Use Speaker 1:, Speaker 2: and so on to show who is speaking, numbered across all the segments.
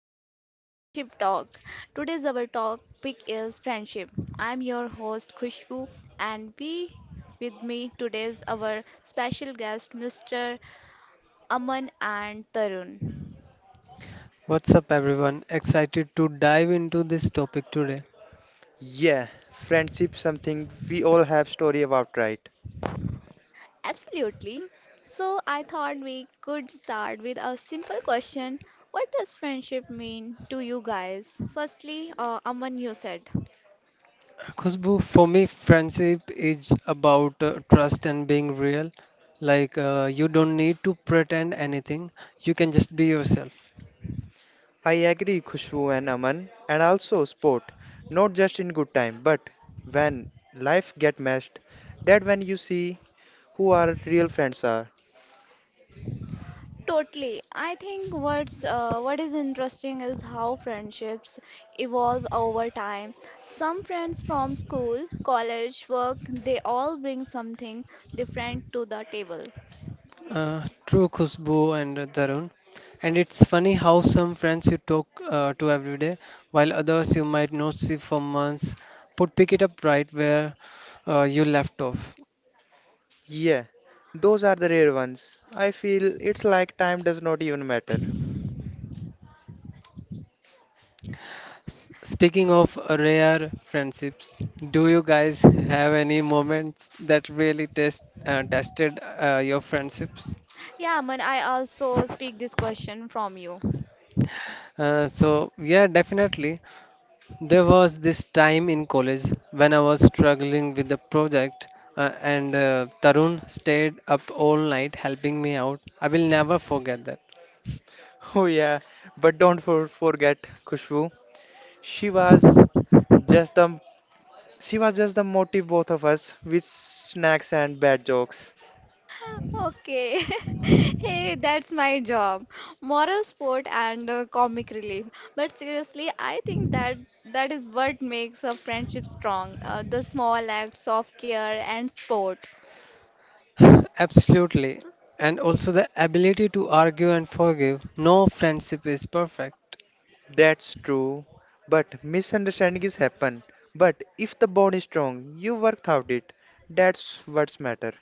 Speaker 1: back to Friendship Talk. Today's our topic is friendship. I'm your host Khushbu, and we with me today's our special guest Mr. Aman and Tarun.
Speaker 2: What's up, everyone? Excited to dive into this topic today.
Speaker 3: Yeah, friendship something we all have story about, right?
Speaker 1: Absolutely. So I thought we could start with a simple question. What does friendship mean to you guys? Firstly, Aman, you said.
Speaker 2: Khushbu, for me, friendship is about trust and being real. Like, you don't need to pretend anything, you can just be yourself.
Speaker 3: I agree, Khushbu and Aman, and also sport, not just in good time, but when life get messed, that when you see who our real friends are.
Speaker 1: Totally. I think what is interesting is how friendships evolve over time. Some friends from school, college, work, they all bring something different to the table.
Speaker 2: True, Khushbu and Tarun. And it's funny how some friends you talk to every day, while others you might not see for months, but pick it up right where you left off.
Speaker 3: Yeah, those are the rare ones. I feel it's like time does not even matter.
Speaker 2: Speaking of rare friendships, do you guys have any moments that really tested your friendships?
Speaker 1: Yeah, man, I also speak this question from you.
Speaker 2: So yeah, definitely. There was this time in college when I was struggling with the project, and Tarun stayed up all night helping me out. I will never forget that.
Speaker 3: Oh yeah, but don't forget Khushbu. She was just the she was just the motive both of us with snacks and bad jokes.
Speaker 1: Okay. Hey, that's my job. Moral support and comic relief. But seriously, I think that is what makes a friendship strong. The small acts of care and support.
Speaker 2: Absolutely. And also the ability to argue and forgive. No friendship is perfect.
Speaker 3: That's true, but misunderstandings happen. But if the bond is strong, you worked out it. That's what's matter.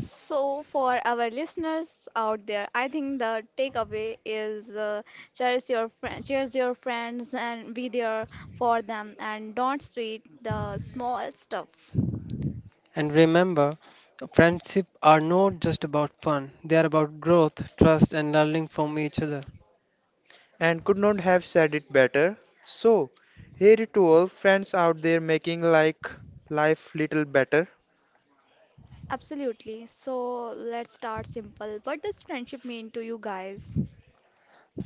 Speaker 1: So, for our listeners out there, I think the takeaway is cherish your friends, and be there for them, and don't treat the small stuff.
Speaker 2: And remember, friendship are not just about fun. They are about growth, trust and learning from each other.
Speaker 3: And could not have said it better. So, here to all friends out there making like life little better.
Speaker 1: Absolutely. So let's start simple. What does friendship mean to you guys?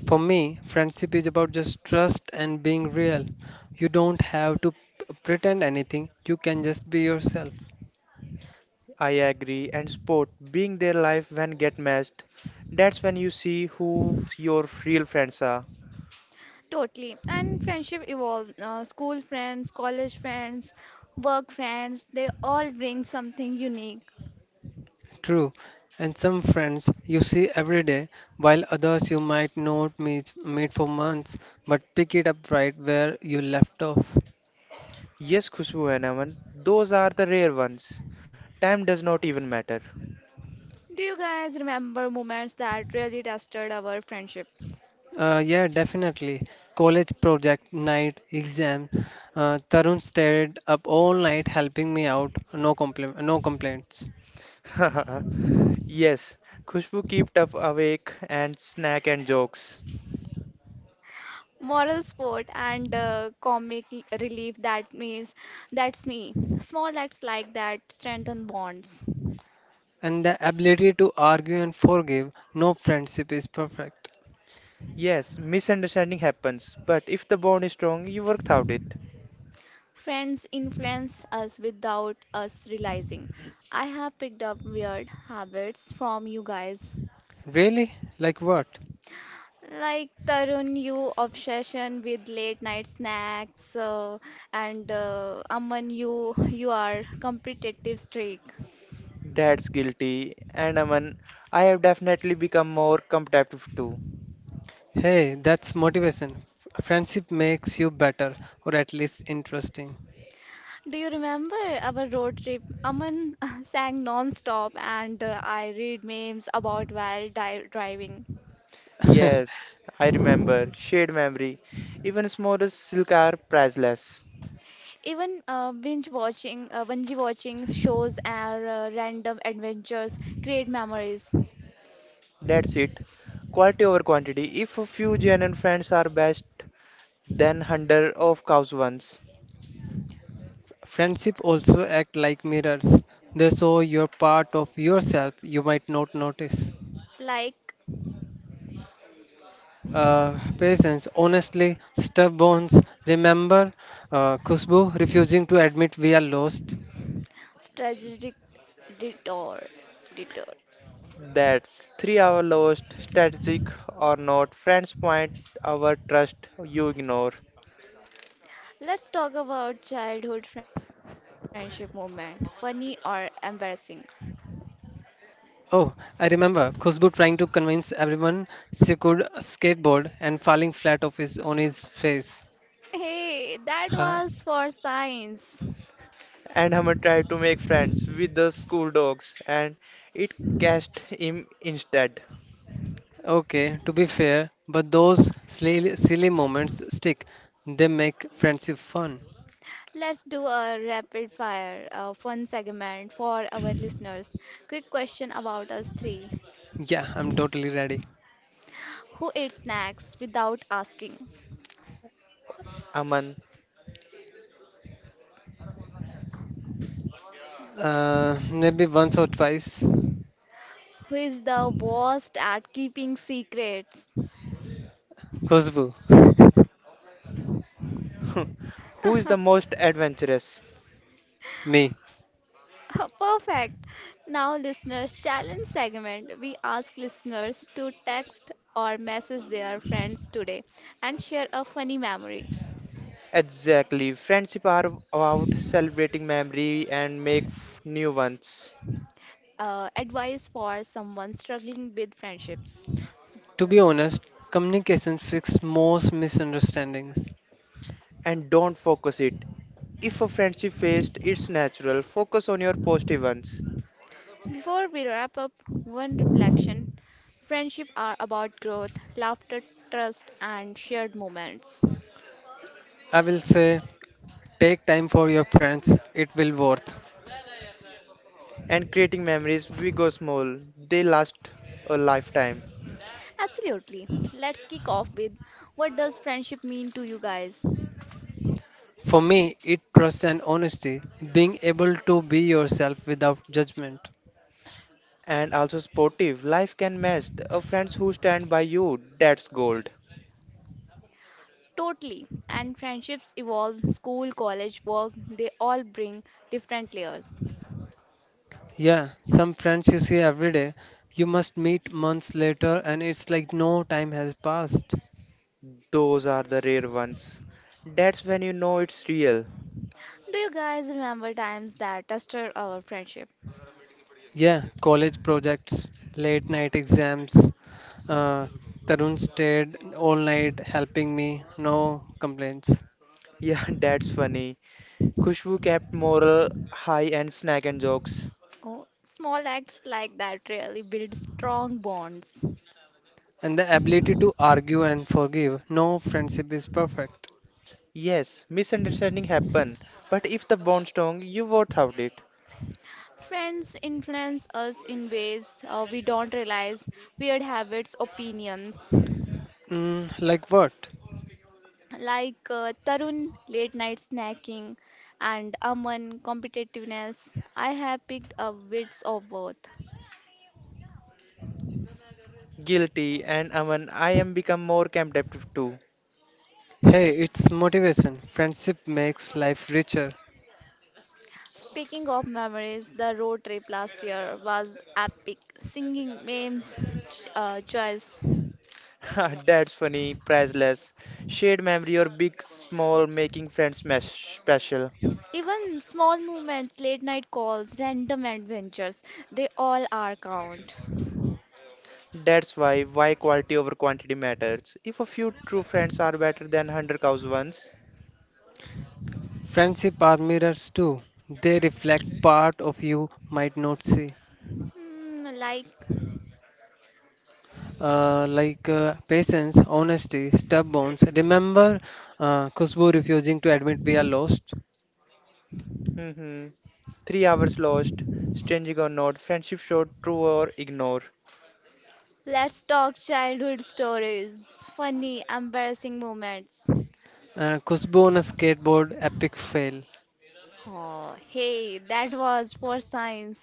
Speaker 2: For me, friendship is about just trust and being real. You don't have to pretend anything. You can just be yourself.
Speaker 3: I agree. And sport being their life when get matched. That's when you see who your real friends are.
Speaker 1: Totally. And friendship evolve. School friends, college friends, work friends, they all bring something unique.
Speaker 2: True. And some friends you see every day, while others you might not meet for months, but pick it up right where you left off.
Speaker 3: Yes, Khushbu and Aman, those are the rare ones. Time does not even matter.
Speaker 1: Do you guys remember moments that really tested our friendship?
Speaker 2: Yeah, definitely. College project night exam. Tarun stayed up all night helping me, out. No compli- no complaints.
Speaker 3: Yes, Khushbu kept up awake and snack and jokes.
Speaker 1: Moral support and relief, that means that's me. Small acts like that strengthen bonds.
Speaker 2: And the ability to argue and forgive. No friendship is perfect.
Speaker 3: Yes, misunderstanding happens, but if the bond is strong, you work out it.
Speaker 1: Friends influence us without us realizing. I have picked up weird habits from you guys,
Speaker 2: Really? Like what?
Speaker 1: like Tarun, you obsession with late night snacks, and Aman, you are competitive streak.
Speaker 3: Dad's guilty, and Aman, I have definitely become more competitive too.
Speaker 2: Hey, that's motivation. Friendship makes you better, or at least interesting.
Speaker 1: Do you remember our road trip? Aman sang non-stop and I read memes about while di driving.
Speaker 3: Yes, I remember, shared memory, even smallest silk are priceless.
Speaker 1: Even binge watching shows and random adventures create memories,
Speaker 3: That's it, quality over quantity. If a few genuine friends are best, then hundred of cows ones.
Speaker 2: Friendship also act like mirrors. They show your part of yourself you might not notice.
Speaker 1: like
Speaker 2: Patience, honestly, stub. Remember Khushbu refusing to admit we are lost?
Speaker 1: strategic detour. Detour.
Speaker 3: That's 3 hour lost, strategic or not, friends point our trust you ignore.
Speaker 1: Let's talk about childhood friendship moment, funny or embarrassing.
Speaker 2: Oh, I remember Khushbu trying to convince everyone she could skateboard and falling flat on his face.
Speaker 1: Hey, that
Speaker 2: Huh?
Speaker 1: was for science.
Speaker 3: And Hammer tried to make friends with the school dogs and it cast him instead.
Speaker 2: Okay, to be fair, but those silly, silly moments stick. They make friendship fun.
Speaker 1: Let's do a rapid fire, a fun segment for our listeners. Quick question about us three.
Speaker 2: Yeah, I'm totally ready.
Speaker 1: Who eats snacks without asking?
Speaker 3: Aman,
Speaker 2: Maybe once or twice.
Speaker 1: Who is the worst at keeping secrets?
Speaker 2: Khushbu.
Speaker 3: who is the most adventurous?
Speaker 2: Me.
Speaker 1: Perfect. Now, listeners, challenge segment. We ask listeners to text or message their friends today and share a funny memory.
Speaker 3: Exactly, friendship are about celebrating memory and make f- new ones.
Speaker 1: Advice for someone struggling with friendships.
Speaker 2: To be honest, communication fixes most misunderstandings.
Speaker 3: And don't focus it. If a friendship fails, it's natural. Focus on your positive ones.
Speaker 1: Before we wrap up, one reflection: friendship are about growth, laughter, trust, and shared moments.
Speaker 2: I will say take time for your friends, it will worth.
Speaker 3: And creating memories we go small, they last a lifetime.
Speaker 1: Absolutely. Let's kick off with: what does friendship mean to you guys?
Speaker 2: For me, it trust and honesty, being able to be yourself without judgment.
Speaker 3: And also sportive life can match a friends who stand by you, that's gold.
Speaker 1: Totally. And friendships evolve: school, college, work, they all bring different layers.
Speaker 2: Yeah, some friends you see every day, you must meet months later and it's like no time has passed.
Speaker 3: Those are the rare ones, that's when you know it's real.
Speaker 1: Do you guys remember times that tested our friendship?
Speaker 2: Yeah, college projects, late night exams, uh, Tarun stayed all night helping me, no complaints.
Speaker 3: Yeah, that's funny. Kushbu kept moral high and snack and jokes.
Speaker 1: Oh, small acts like that really build strong bonds.
Speaker 2: And the ability to argue and forgive. No friendship is perfect.
Speaker 3: Yes, misunderstanding happen, but if the bond strong you worth out it.
Speaker 1: Friends influence us in ways we don't realize, weird habits, opinions,
Speaker 2: Mm, like what?
Speaker 1: like Tarun late night snacking and Aman competitiveness. I have picked up bits of both.
Speaker 3: Guilty, and Aman, I am become more captive too.
Speaker 2: Hey, it's motivation. Friendship makes life richer.
Speaker 1: Speaking of memories, the road trip last year was epic. Singing memes, choice,
Speaker 3: That's funny, priceless. Shared memory or big, small, making friends mesh special.
Speaker 1: even small movements, late night calls, random adventures, they all are count.
Speaker 3: That's why quality over quantity matters. If a few true friends are better than 100 cows ones.
Speaker 2: Friendship are mirrors too. They reflect part of you might not see.
Speaker 1: Mm, like
Speaker 2: Like patience, honesty, stubbornness. Remember Khushbu refusing to admit we are lost?
Speaker 3: Hmm. 3 hours lost, stinging or not, friendship short, true or ignore.
Speaker 1: Let's talk childhood stories, funny, embarrassing moments.
Speaker 2: Khushbu on a skateboard, epic fail.
Speaker 1: Oh, hey, that was for science.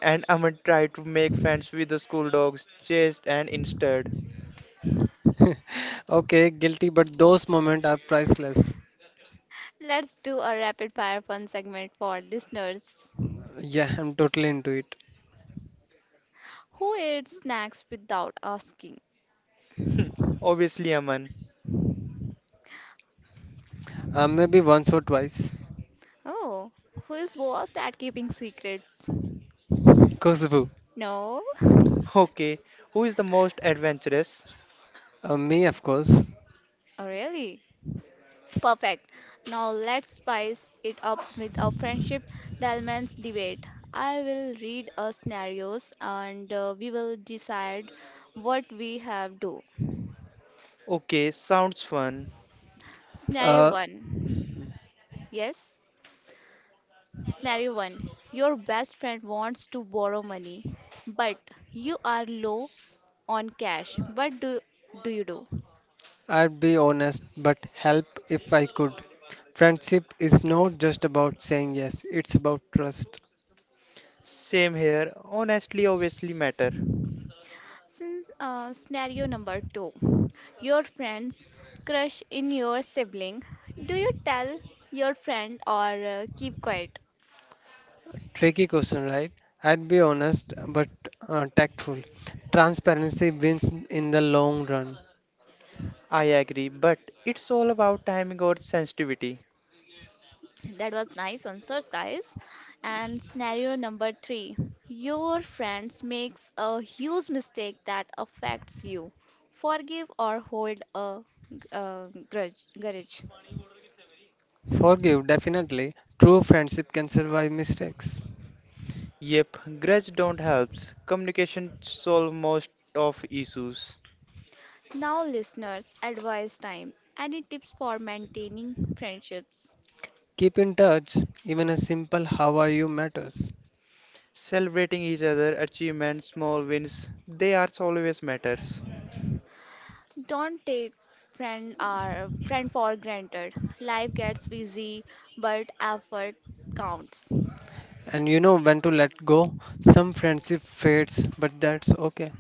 Speaker 3: And Aman tried to make friends with the school dogs, chased and instead.
Speaker 2: Okay, guilty, but those moments are priceless.
Speaker 1: Let's do a rapid fire fun segment for listeners.
Speaker 2: Yeah, I'm totally into it.
Speaker 1: Who eats snacks without asking?
Speaker 3: Obviously, Aman.
Speaker 2: Maybe once or twice.
Speaker 1: Oh, who is worst at keeping secrets?
Speaker 2: Khushbu.
Speaker 1: No?
Speaker 3: Okay, who is the most adventurous?
Speaker 2: Me, of course.
Speaker 1: Oh, really? Perfect. Now let's spice it up with our friendship dilemmas debate. I will read a scenarios and we will decide what we have do.
Speaker 3: Okay, sounds fun.
Speaker 1: Scenario
Speaker 2: Uh,
Speaker 1: 1. Yes. Scenario 1. Your best friend wants to borrow money, but you are low on cash. What do you do?
Speaker 2: I'd be honest, but help if I could. Friendship is not just about saying yes, it's about trust.
Speaker 3: Same here. Honestly, obviously matter.
Speaker 1: Since scenario number two, your friend's crush in your sibling, do you tell your friend or keep quiet?
Speaker 2: Tricky question, right? I'd be honest, but tactful. Transparency wins in the long run.
Speaker 3: I agree, but it's all about timing or sensitivity.
Speaker 1: That was nice answers, guys. And scenario number three, your friends makes a huge mistake that affects you. Forgive or hold a grudge.
Speaker 2: Forgive, definitely. True friendship can survive mistakes.
Speaker 3: Yep, grudge don't helps. Communication solve most of issues.
Speaker 1: Now, listeners, advice time. Any tips for maintaining friendships?
Speaker 2: Keep in touch, even a simple how are you matters.
Speaker 3: Celebrating each other, achievements, small wins, they are always matters.
Speaker 1: Don't take friend our friend for granted. Life gets busy, but effort counts.
Speaker 2: And you know when to let go. Some friendship fades, but that's okay.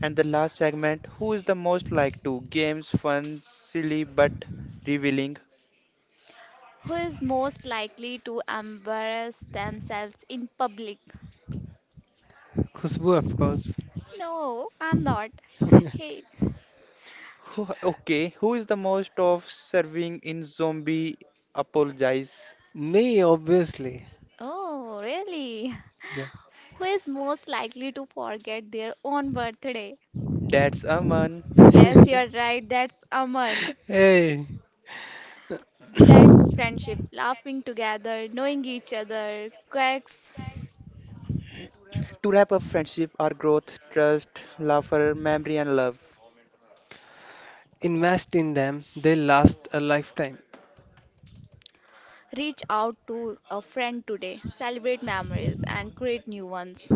Speaker 3: And the last segment, who is the most like to? Games, fun, silly, but revealing.
Speaker 1: Who is most likely to embarrass themselves in public?
Speaker 2: Khushbu, of course.
Speaker 1: No, I'm not. Hey.
Speaker 3: Who, okay, who is the most of serving in zombie? Apologize.
Speaker 2: Me, obviously.
Speaker 1: Oh, really?
Speaker 2: Yeah.
Speaker 1: Who is most likely to forget their own birthday?
Speaker 3: That's Aman.
Speaker 1: Yes, you're right. That's Aman.
Speaker 2: Hey,
Speaker 1: That's friendship. Laughing together, knowing each other, quirks.
Speaker 3: To wrap up friendship, our growth, trust, laughter, memory, and love.
Speaker 2: invest in them. They last a lifetime.
Speaker 1: Reach out to a friend today, celebrate memories, and create new ones.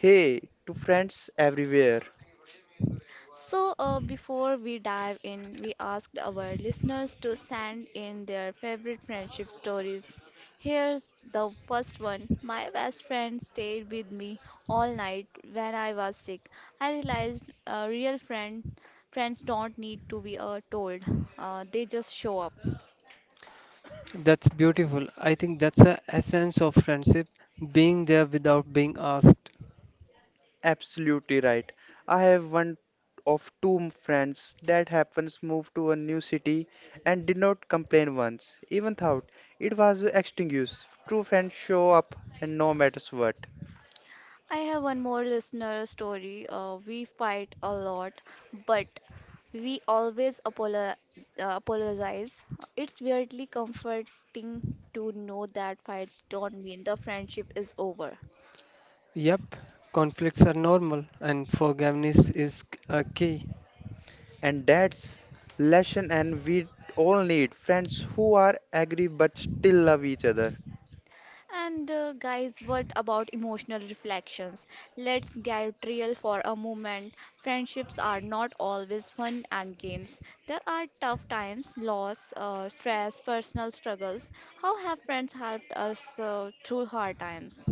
Speaker 3: Hey, to friends everywhere.
Speaker 1: So, before we dive in, we asked our listeners to send in their favorite friendship stories. Here's the first one. My best friend stayed with me all night when I was sick. I realized a real friends don't need to be told. They just show up.
Speaker 2: That's beautiful. I think that's the essence of friendship, being there without being asked.
Speaker 3: Absolutely right. I have one of two friends that happens moved to a new city and did not complain once, even thought it was extinguished. True friends show up and no matters what.
Speaker 1: I have one more listener story. We fight a lot, but we always apologize. It's weirdly comforting to know that fights don't mean the friendship is over.
Speaker 2: Yep, conflicts are normal, and forgiveness is a key.
Speaker 3: And that's lesson and we all need friends who are angry but still love each other.
Speaker 1: And guys, what about emotional reflections? Let's get real for a moment. Friendships are not always fun and games. There are tough times, loss, stress, personal struggles. How have friends helped us through hard times?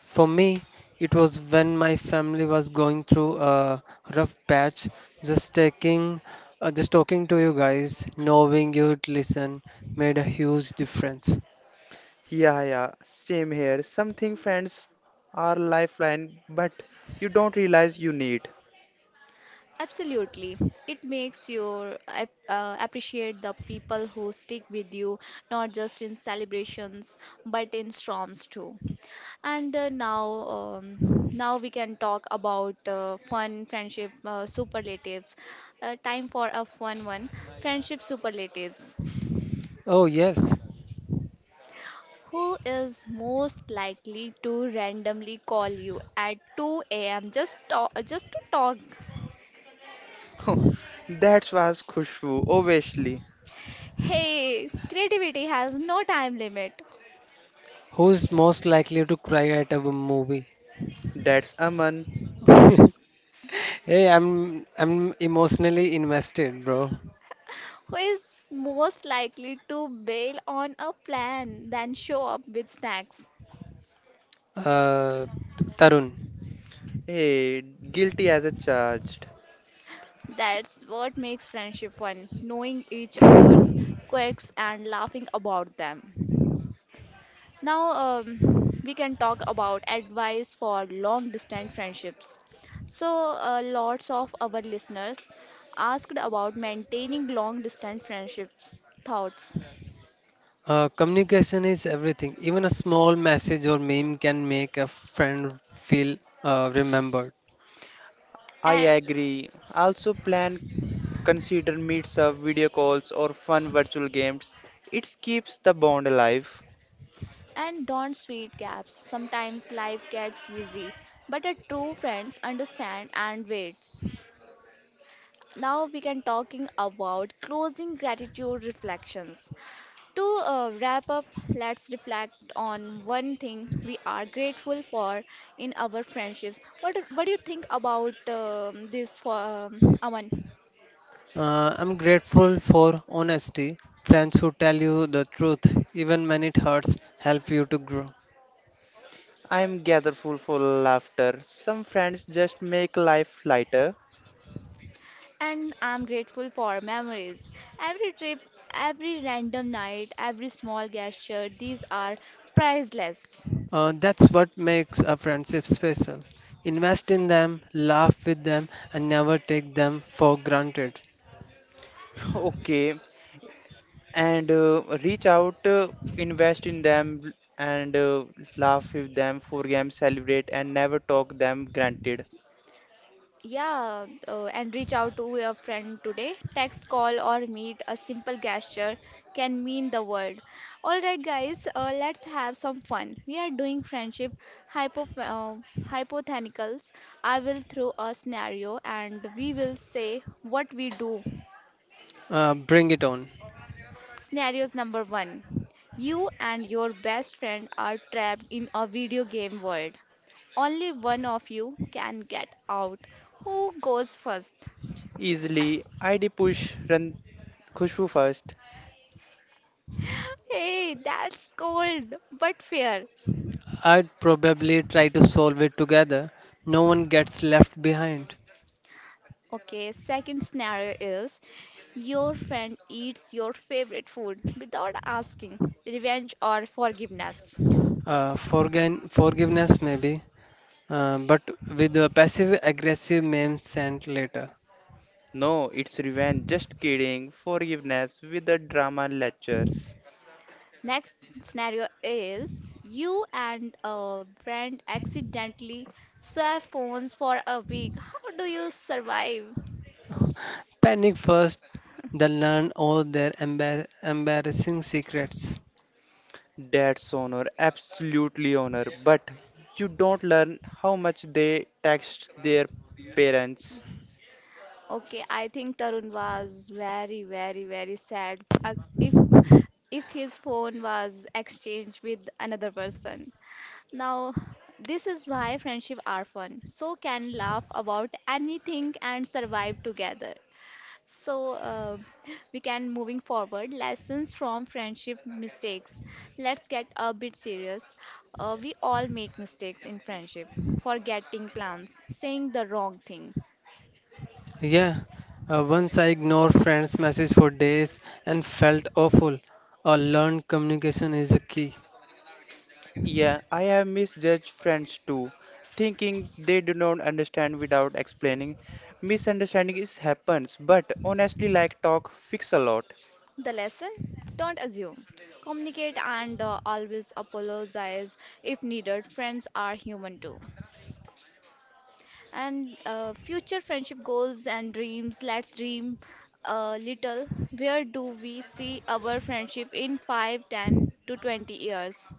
Speaker 2: For me, it was when my family was going through a rough patch, just taking just talking to you guys, knowing you'd listen made a huge difference.
Speaker 3: Yeah, yeah, same here. Something friends are lifeline, but you don't realize you need.
Speaker 1: Absolutely. It makes you appreciate the people who stick with you, not just in celebrations, but in storms too. And now we can talk about fun friendship superlatives. Time for a fun one. Friendship superlatives.
Speaker 2: Oh yes,
Speaker 1: Who is most likely to randomly call you at 2 a.m. Just to talk?
Speaker 3: That was Khushbu, obviously.
Speaker 1: Hey, creativity has no time limit.
Speaker 2: who's most likely to cry at a movie?
Speaker 3: That's Aman.
Speaker 2: Hey, I'm emotionally invested, bro.
Speaker 1: Who is most likely to bail on a plan than show up with snacks?
Speaker 2: Uh, Tarun,
Speaker 3: Hey, guilty as a charged.
Speaker 1: That's what makes friendship fun, knowing each other's quirks and laughing about them. Now, we can talk about advice for long distance friendships. So, lots of our listeners asked about maintaining long distance friendships. Thoughts?
Speaker 2: communication is everything. Even a small message or meme can make a friend feel remembered.
Speaker 3: I agree. Also plan, consider meets up, video calls, or fun virtual games. It keeps the bond alive.
Speaker 1: And don't sweet gaps. Sometimes life gets busy, but a true friends understand and waits. Now we can talking about closing gratitude reflections. To wrap up, let's reflect on one thing we are grateful for in our friendships. What do you think about this for Aman?
Speaker 2: I'm grateful for honesty. Friends who tell you the truth, even when it hurts, help you to grow.
Speaker 3: I'm gatherful for laughter. Some friends just make life lighter.
Speaker 1: And I'm grateful for memories. Every trip, every random night, every small gesture, these are priceless.
Speaker 2: That's what makes a friendship special. Invest in them, laugh with them, and never take them for granted.
Speaker 3: Okay, and reach out, invest in them, and laugh with them, for them, celebrate, and never talk them granted.
Speaker 1: Yeah, and reach out to a friend today. Text, call, or meet. A simple gesture can mean the world. All right, guys, let's have some fun. We are doing friendship hypo uh, hypotheticals. I will throw a scenario, and we will say what we do.
Speaker 2: Bring it on.
Speaker 1: Scenarios number one: you and your best friend are trapped in a video game world. Only one of you can get out. Who goes first?
Speaker 3: Easily, ID push, run Khushbu first.
Speaker 1: Hey, that's cold but fair.
Speaker 2: I'd probably try to solve it together. No one gets left behind.
Speaker 1: Okay, second scenario is: your friend eats your favorite food without asking, revenge or forgiveness.
Speaker 2: Forgiveness, maybe, but with a passive aggressive meme sent later.
Speaker 3: No, it's revenge, just kidding, forgiveness with the drama lectures.
Speaker 1: Next scenario is: you and a friend accidentally swap phones for a week. How do you survive?
Speaker 2: Panic first, then learn all their embarrassing secrets.
Speaker 3: That's honor, absolutely honor, but you don't learn how much they text their parents.
Speaker 1: Okay, I think Tarun was very, very, very sad if if his phone was exchanged with another person. Now, this is why friendship are fun. So can laugh about anything and survive together. So we can moving forward. Lessons from friendship mistakes. Let's get a bit serious. We all make mistakes in friendship. Forgetting plans, saying the wrong thing.
Speaker 2: Yeah, once I ignored friends' message for days and felt awful. Learned communication is a key.
Speaker 3: Yeah, I have misjudged friends too, thinking they do not understand without explaining. Misunderstanding is happens, but honestly, like talk fix a lot.
Speaker 1: The lesson: don't assume. Communicate and always apologize if needed. Friends are human too. And future friendship goals and dreams. Let's dream a little. Where do we see our friendship in 5, 10, to 20 years?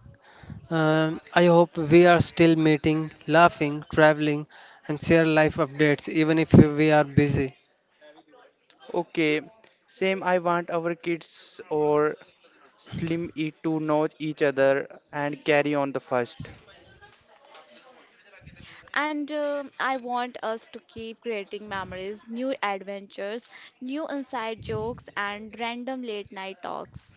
Speaker 2: I hope we are still meeting, laughing, traveling, and share life updates even if we are busy.
Speaker 3: Okay, same. I want our kids or Slim E to know each other and carry on the first.
Speaker 1: And I want us to keep creating memories, new adventures, new inside jokes, and random late night talks.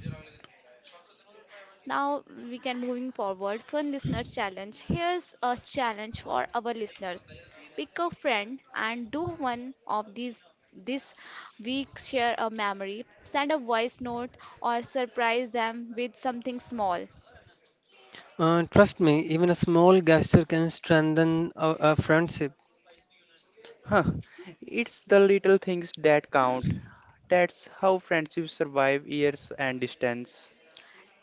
Speaker 1: Now we can moving forward. Fun listener challenge. Here's a challenge for our listeners. Pick a friend and do one of these this week: share a memory. Send a voice note or surprise them with something small.
Speaker 2: Trust me, even a small gesture can strengthen a friendship.
Speaker 3: Huh? It's the little things that count. That's how friendships survive years and distance.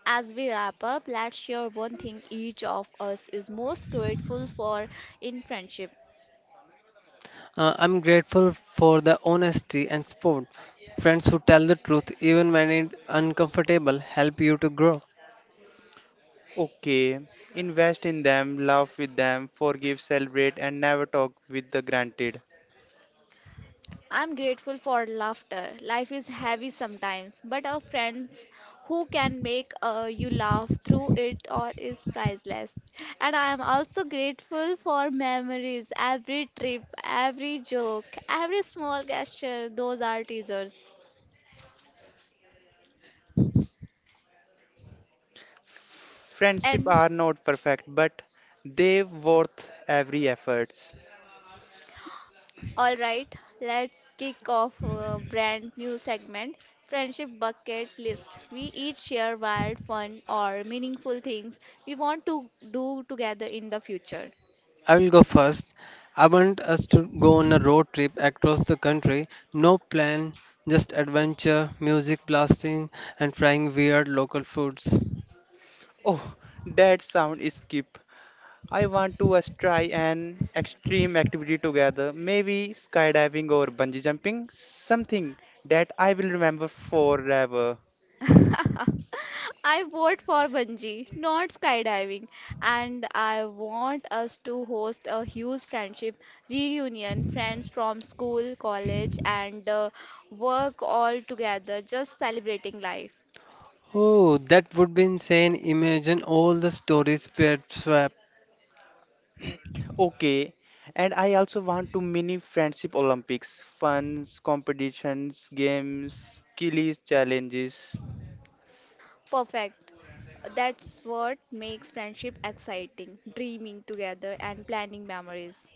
Speaker 1: As we wrap up, let's share one thing each of us is most grateful for in friendship.
Speaker 2: I'm grateful for the honesty and support. Friends who tell the truth, even when it's uncomfortable, help you to grow.
Speaker 3: Okay, invest in them, laugh with them, forgive, celebrate, and never talk with the granted.
Speaker 1: I'm grateful for laughter. Life is heavy sometimes, but our friends who can make you laugh through it all is priceless. And I am also grateful for memories, every trip, every joke, every small gesture. Those are teasers.
Speaker 3: Friendship
Speaker 1: And
Speaker 3: are not perfect, but they worth every efforts.
Speaker 1: All right, let's kick off a brand new segment, Friendship Bucket List. We each share wild, fun, or meaningful things we want to do together in the future.
Speaker 2: I will go first. I want us to go on a road trip across the country. No plan, just adventure, music blasting, and trying weird local foods.
Speaker 3: Oh, that sound is skip. I want to us try an extreme activity together, maybe skydiving or bungee jumping, something that I will remember forever.
Speaker 1: I vote for bungee, not skydiving, and I want us to host a huge friendship reunion, friends from school, college, and work all together, just celebrating life.
Speaker 2: Oh, that would be insane. Imagine all the stories paired swap,
Speaker 3: Okay, and I also want to mini friendship Olympics, funs, competitions, games, skills, challenges.
Speaker 1: Perfect. That's what makes friendship exciting, dreaming together and planning memories.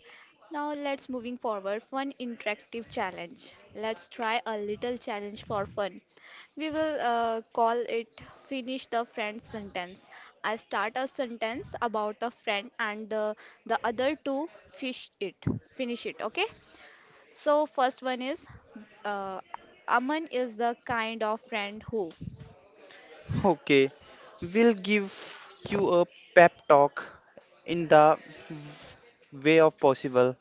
Speaker 1: Now let's moving forward fun interactive challenge. Let's try a little challenge for fun. We will call it finish the friend sentence. I start a sentence about a friend and the other two fish it. Finish it, okay? So first one is uh, Aman is the kind of friend who.
Speaker 3: Okay, we'll give you a pep talk in the way of possible.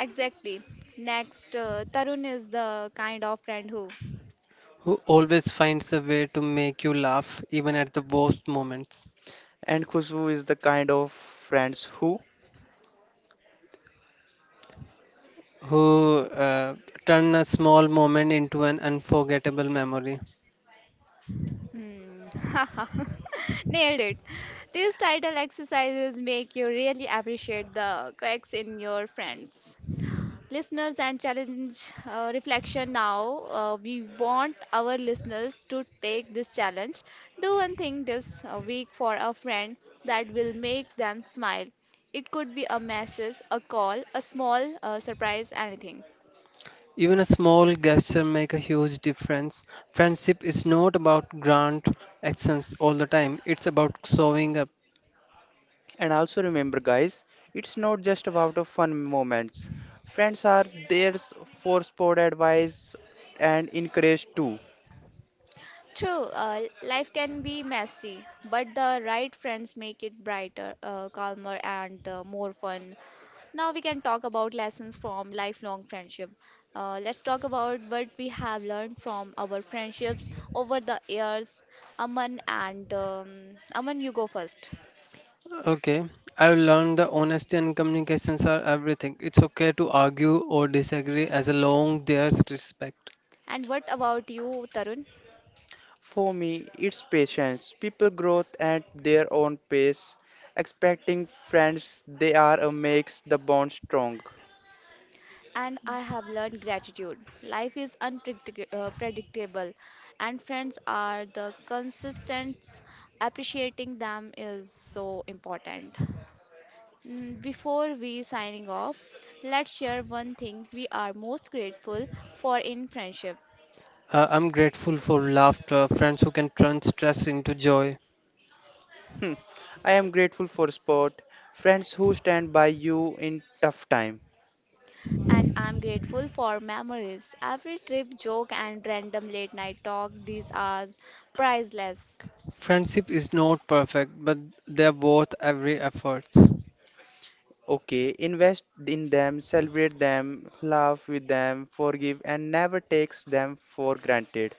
Speaker 1: Exactly. Next, Tarun is the kind of friend who.
Speaker 2: who always finds a way to make you laugh even at the worst moments.
Speaker 3: And Khushbu is the kind of friends who.
Speaker 2: Who turn a small moment into an unforgettable memory.
Speaker 1: Hmm. Nailed it. These title exercises make you really appreciate the cracks in your friends. Listeners and challenge reflection now. We want our listeners to take this challenge. Do one thing this week for a friend that will make them smile. It could be a message, a call, a small surprise, anything.
Speaker 2: Even a small gesture make a huge difference. Friendship is not about grand actions all the time. It's about showing up.
Speaker 3: And also remember, guys, it's not just about the fun moments. Friends are there for sport advice and encourage too.
Speaker 1: True, life can be messy, but the right friends make it brighter, calmer, and more fun. Now we can talk about lessons from lifelong friendship. Let's talk about what we have learned from our friendships over the years. Aman, you go first.
Speaker 2: Okay. I've learned that honesty and communications are everything. It's okay to argue or disagree as long there's respect.
Speaker 1: And what about you, Tarun?
Speaker 3: For me, it's patience. People grow at their own pace. Expecting friends they are makes the bond strong.
Speaker 1: And I have learned gratitude. Life is unpredictable, and friends are the consistence. Appreciating them is so important. Before we signing off, let's share one thing we are most grateful for in friendship.
Speaker 2: I'm grateful for laughter, friends who can turn stress into joy.
Speaker 3: Hmm. I am grateful for sport, friends who stand by you in tough time.
Speaker 1: And I'm grateful for memories. Every trip, joke, and random late night talk, these are priceless.
Speaker 2: Friendship is not perfect, but they're worth every effort.
Speaker 3: Okay, invest in them, celebrate them, laugh with them, forgive and never takes them for granted.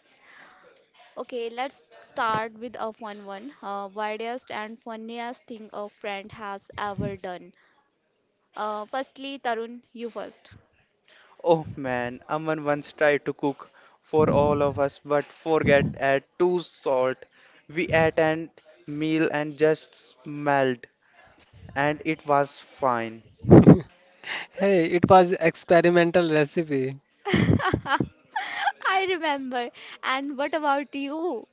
Speaker 1: Okay, let's start with a fun one. Weirdest and funniest thing a friend has ever done. Firstly, Tarun, you first.
Speaker 3: Oh man, Aman once tried to cook for all of us but forget add too salt. We ate an meal and just smelled and it was fine.
Speaker 2: Hey, it was experimental recipe.
Speaker 1: I remember. And what about you?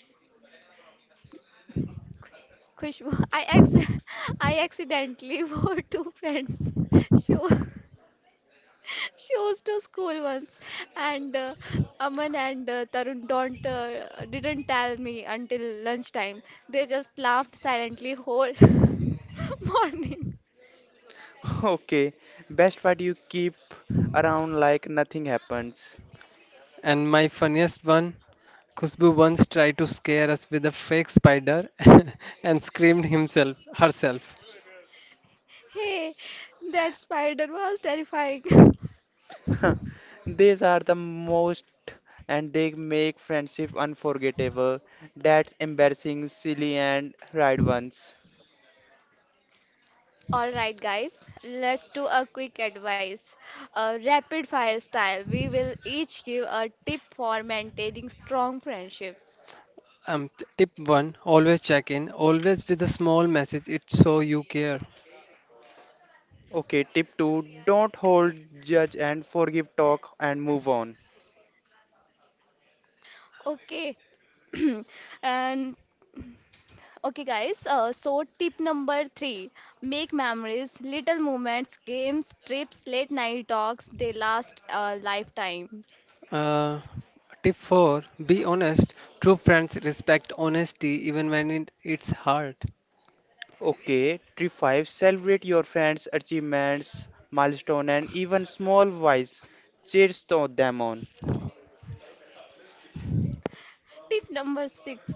Speaker 1: Khushbu, I ex I accidentally wore two friends' shoes. She was to school once and Aman and Tarun don't didn't tell me until lunchtime. They just laughed silently whole morning.
Speaker 3: Okay, best part you keep around like nothing happens.
Speaker 2: And my funniest one, Khushbu once tried to scare us with a fake spider and screamed himself herself.
Speaker 1: Hey, that spider was terrifying.
Speaker 3: These are the most and they make friendship unforgettable. That's embarrassing, silly and right ones.
Speaker 1: All right, guys, let's do a quick advice, a rapid fire style. We will each give a tip for maintaining strong friendship.
Speaker 2: Tip one, always check in, always with a small message. It's so you care.
Speaker 3: Okay, tip 2 don't hold, judge and forgive talk and move on.
Speaker 1: Okay. and Okay, guys, so tip number three, make memories, little moments, games, trips, late night talks, they last a lifetime.
Speaker 2: Uh, Tip four, be honest. True friends respect honesty even when it's hard.
Speaker 3: Okay, three 5 celebrate your friends' achievements, milestone and even small wise cheers to them on.
Speaker 1: Tip number six.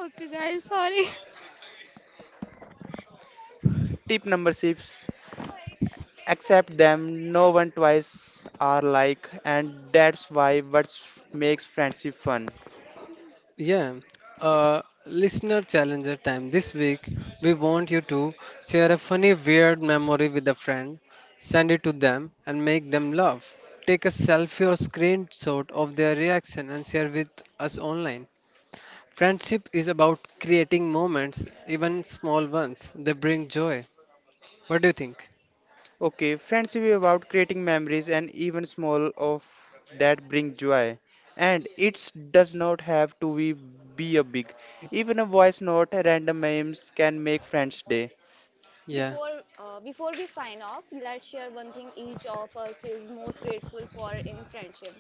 Speaker 1: Okay, guys, sorry.
Speaker 3: Tip number 6 accept them no one twice are like and that's why what makes friendship fun.
Speaker 2: Yeah, listener challenger time. This week, we want you to share a funny, weird memory with a friend, send it to them, and make them laugh. Take a selfie or screenshot of their reaction and share with us online. Friendship is about creating moments, even small ones. They bring joy. What do you think?
Speaker 3: Okay, friendship is about creating memories and even small of that bring joy. And it does not have to be a big. Even a voice note, random memes can make friends' day.
Speaker 2: Yeah,
Speaker 1: Before we sign off, let's share one thing each of us is most grateful for in friendship.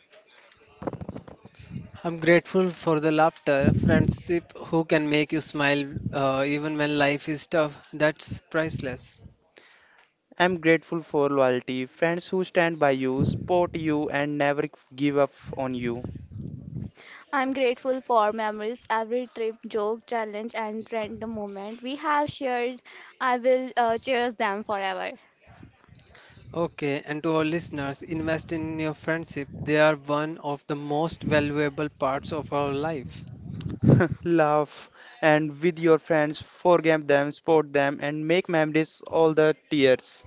Speaker 2: I'm grateful for the laughter, friendship who can make you smile even when life is tough. That's priceless.
Speaker 3: I'm grateful for loyalty, friends who stand by you, support you, and never give up on you.
Speaker 1: I'm grateful for memories, every trip, joke, challenge, and random moment we have shared. I will cherish them forever.
Speaker 2: Okay, and to our listeners, invest in your friendship. They are one of the most valuable parts of our life.
Speaker 3: Laugh and with your friends, forgive them, support them, and make memories all the tears.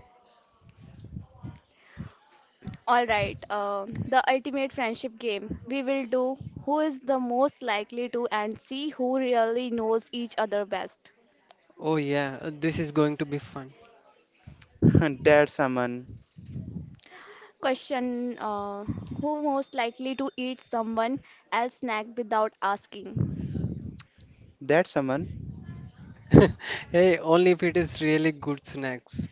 Speaker 1: All right, the ultimate friendship game. We will do who is the most likely to and see who really knows each other best.
Speaker 2: Oh, yeah, this is going to be fun.
Speaker 3: That's someone.
Speaker 1: Question who most likely to eat someone else's snack without asking?
Speaker 3: That's someone.
Speaker 2: Hey, only if it is really good snacks.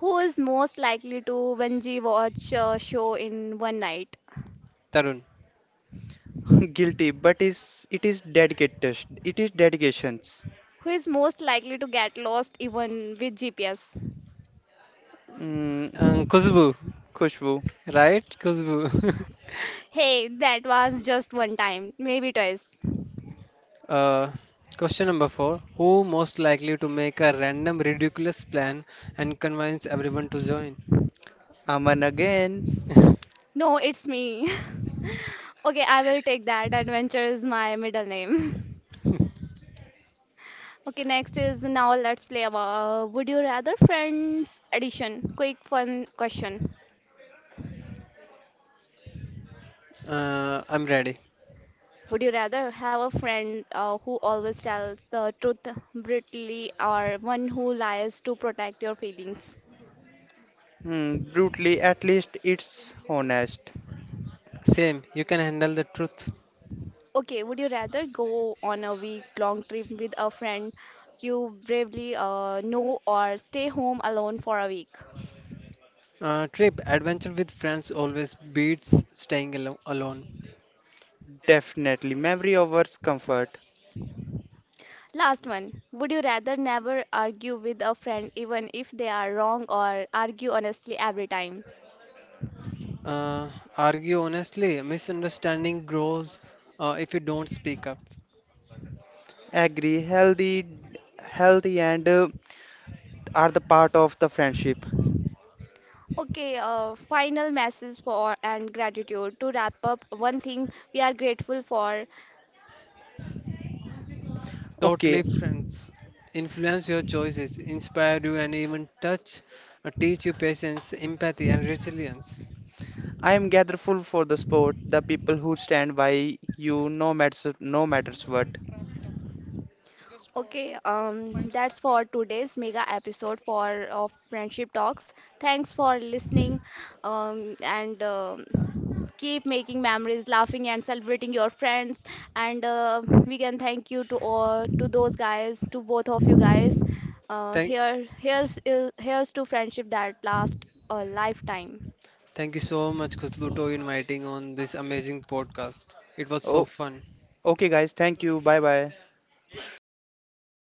Speaker 1: Who is most likely to binge watch a show in one night?
Speaker 2: Tarun.
Speaker 3: Guilty, but is it is dedicated. It is dedications.
Speaker 1: Who is most likely to get lost even with GPS?
Speaker 3: Mm,
Speaker 2: Khushbu,
Speaker 3: Khushbu,
Speaker 2: right? Kuzbu.
Speaker 1: Hey, that was just one time, maybe twice.
Speaker 2: Uh, Question number four. Who most likely to make a random ridiculous plan and convince everyone to join?
Speaker 3: Aman again.
Speaker 1: No, it's me. Okay, I will take that. Adventure is my middle name. Okay, next is now let's play about Would You Rather Friends edition. Quick fun question.
Speaker 2: I'm ready.
Speaker 1: Would you rather have a friend who always tells the truth brutally or one who lies to protect your feelings?
Speaker 3: Mm, brutally, at least it's honest.
Speaker 2: Same, you can handle the truth.
Speaker 1: Okay, would you rather go on a week-long trip with a friend you bravely know or stay home alone for a week?
Speaker 2: Trip adventure with friends always beats alone.
Speaker 3: Definitely, memory over comfort.
Speaker 1: Last one. Would you rather never argue with a friend even if they are wrong or argue honestly every time?
Speaker 2: Uh, Argue honestly, misunderstanding grows if you don't speak up.
Speaker 3: Agree, healthy, healthy and are the part of the friendship.
Speaker 1: Okay, final message for and gratitude. To wrap up, one thing we are grateful for.
Speaker 2: Totally
Speaker 3: Okay,
Speaker 2: friends influence your choices, inspire you, and even touch teach you patience, empathy, and resilience.
Speaker 3: I am grateful for the sport, the people who stand by you, no matters, no matters what.
Speaker 1: Okay, that's for today's mega episode for of Friendship Talks. Thanks for listening, and keep making memories, laughing and celebrating your friends. And we can thank you to all to those guys, to both of you guys. Uh,
Speaker 2: Thank,
Speaker 1: here, here's uh, here's to friendship that last a lifetime.
Speaker 2: Thank you so much, Khushbu, to inviting on this amazing podcast. It was so
Speaker 3: Oh,
Speaker 2: fun.
Speaker 3: okay, guys, thank you. Bye bye.
Speaker 2: Bye, guys.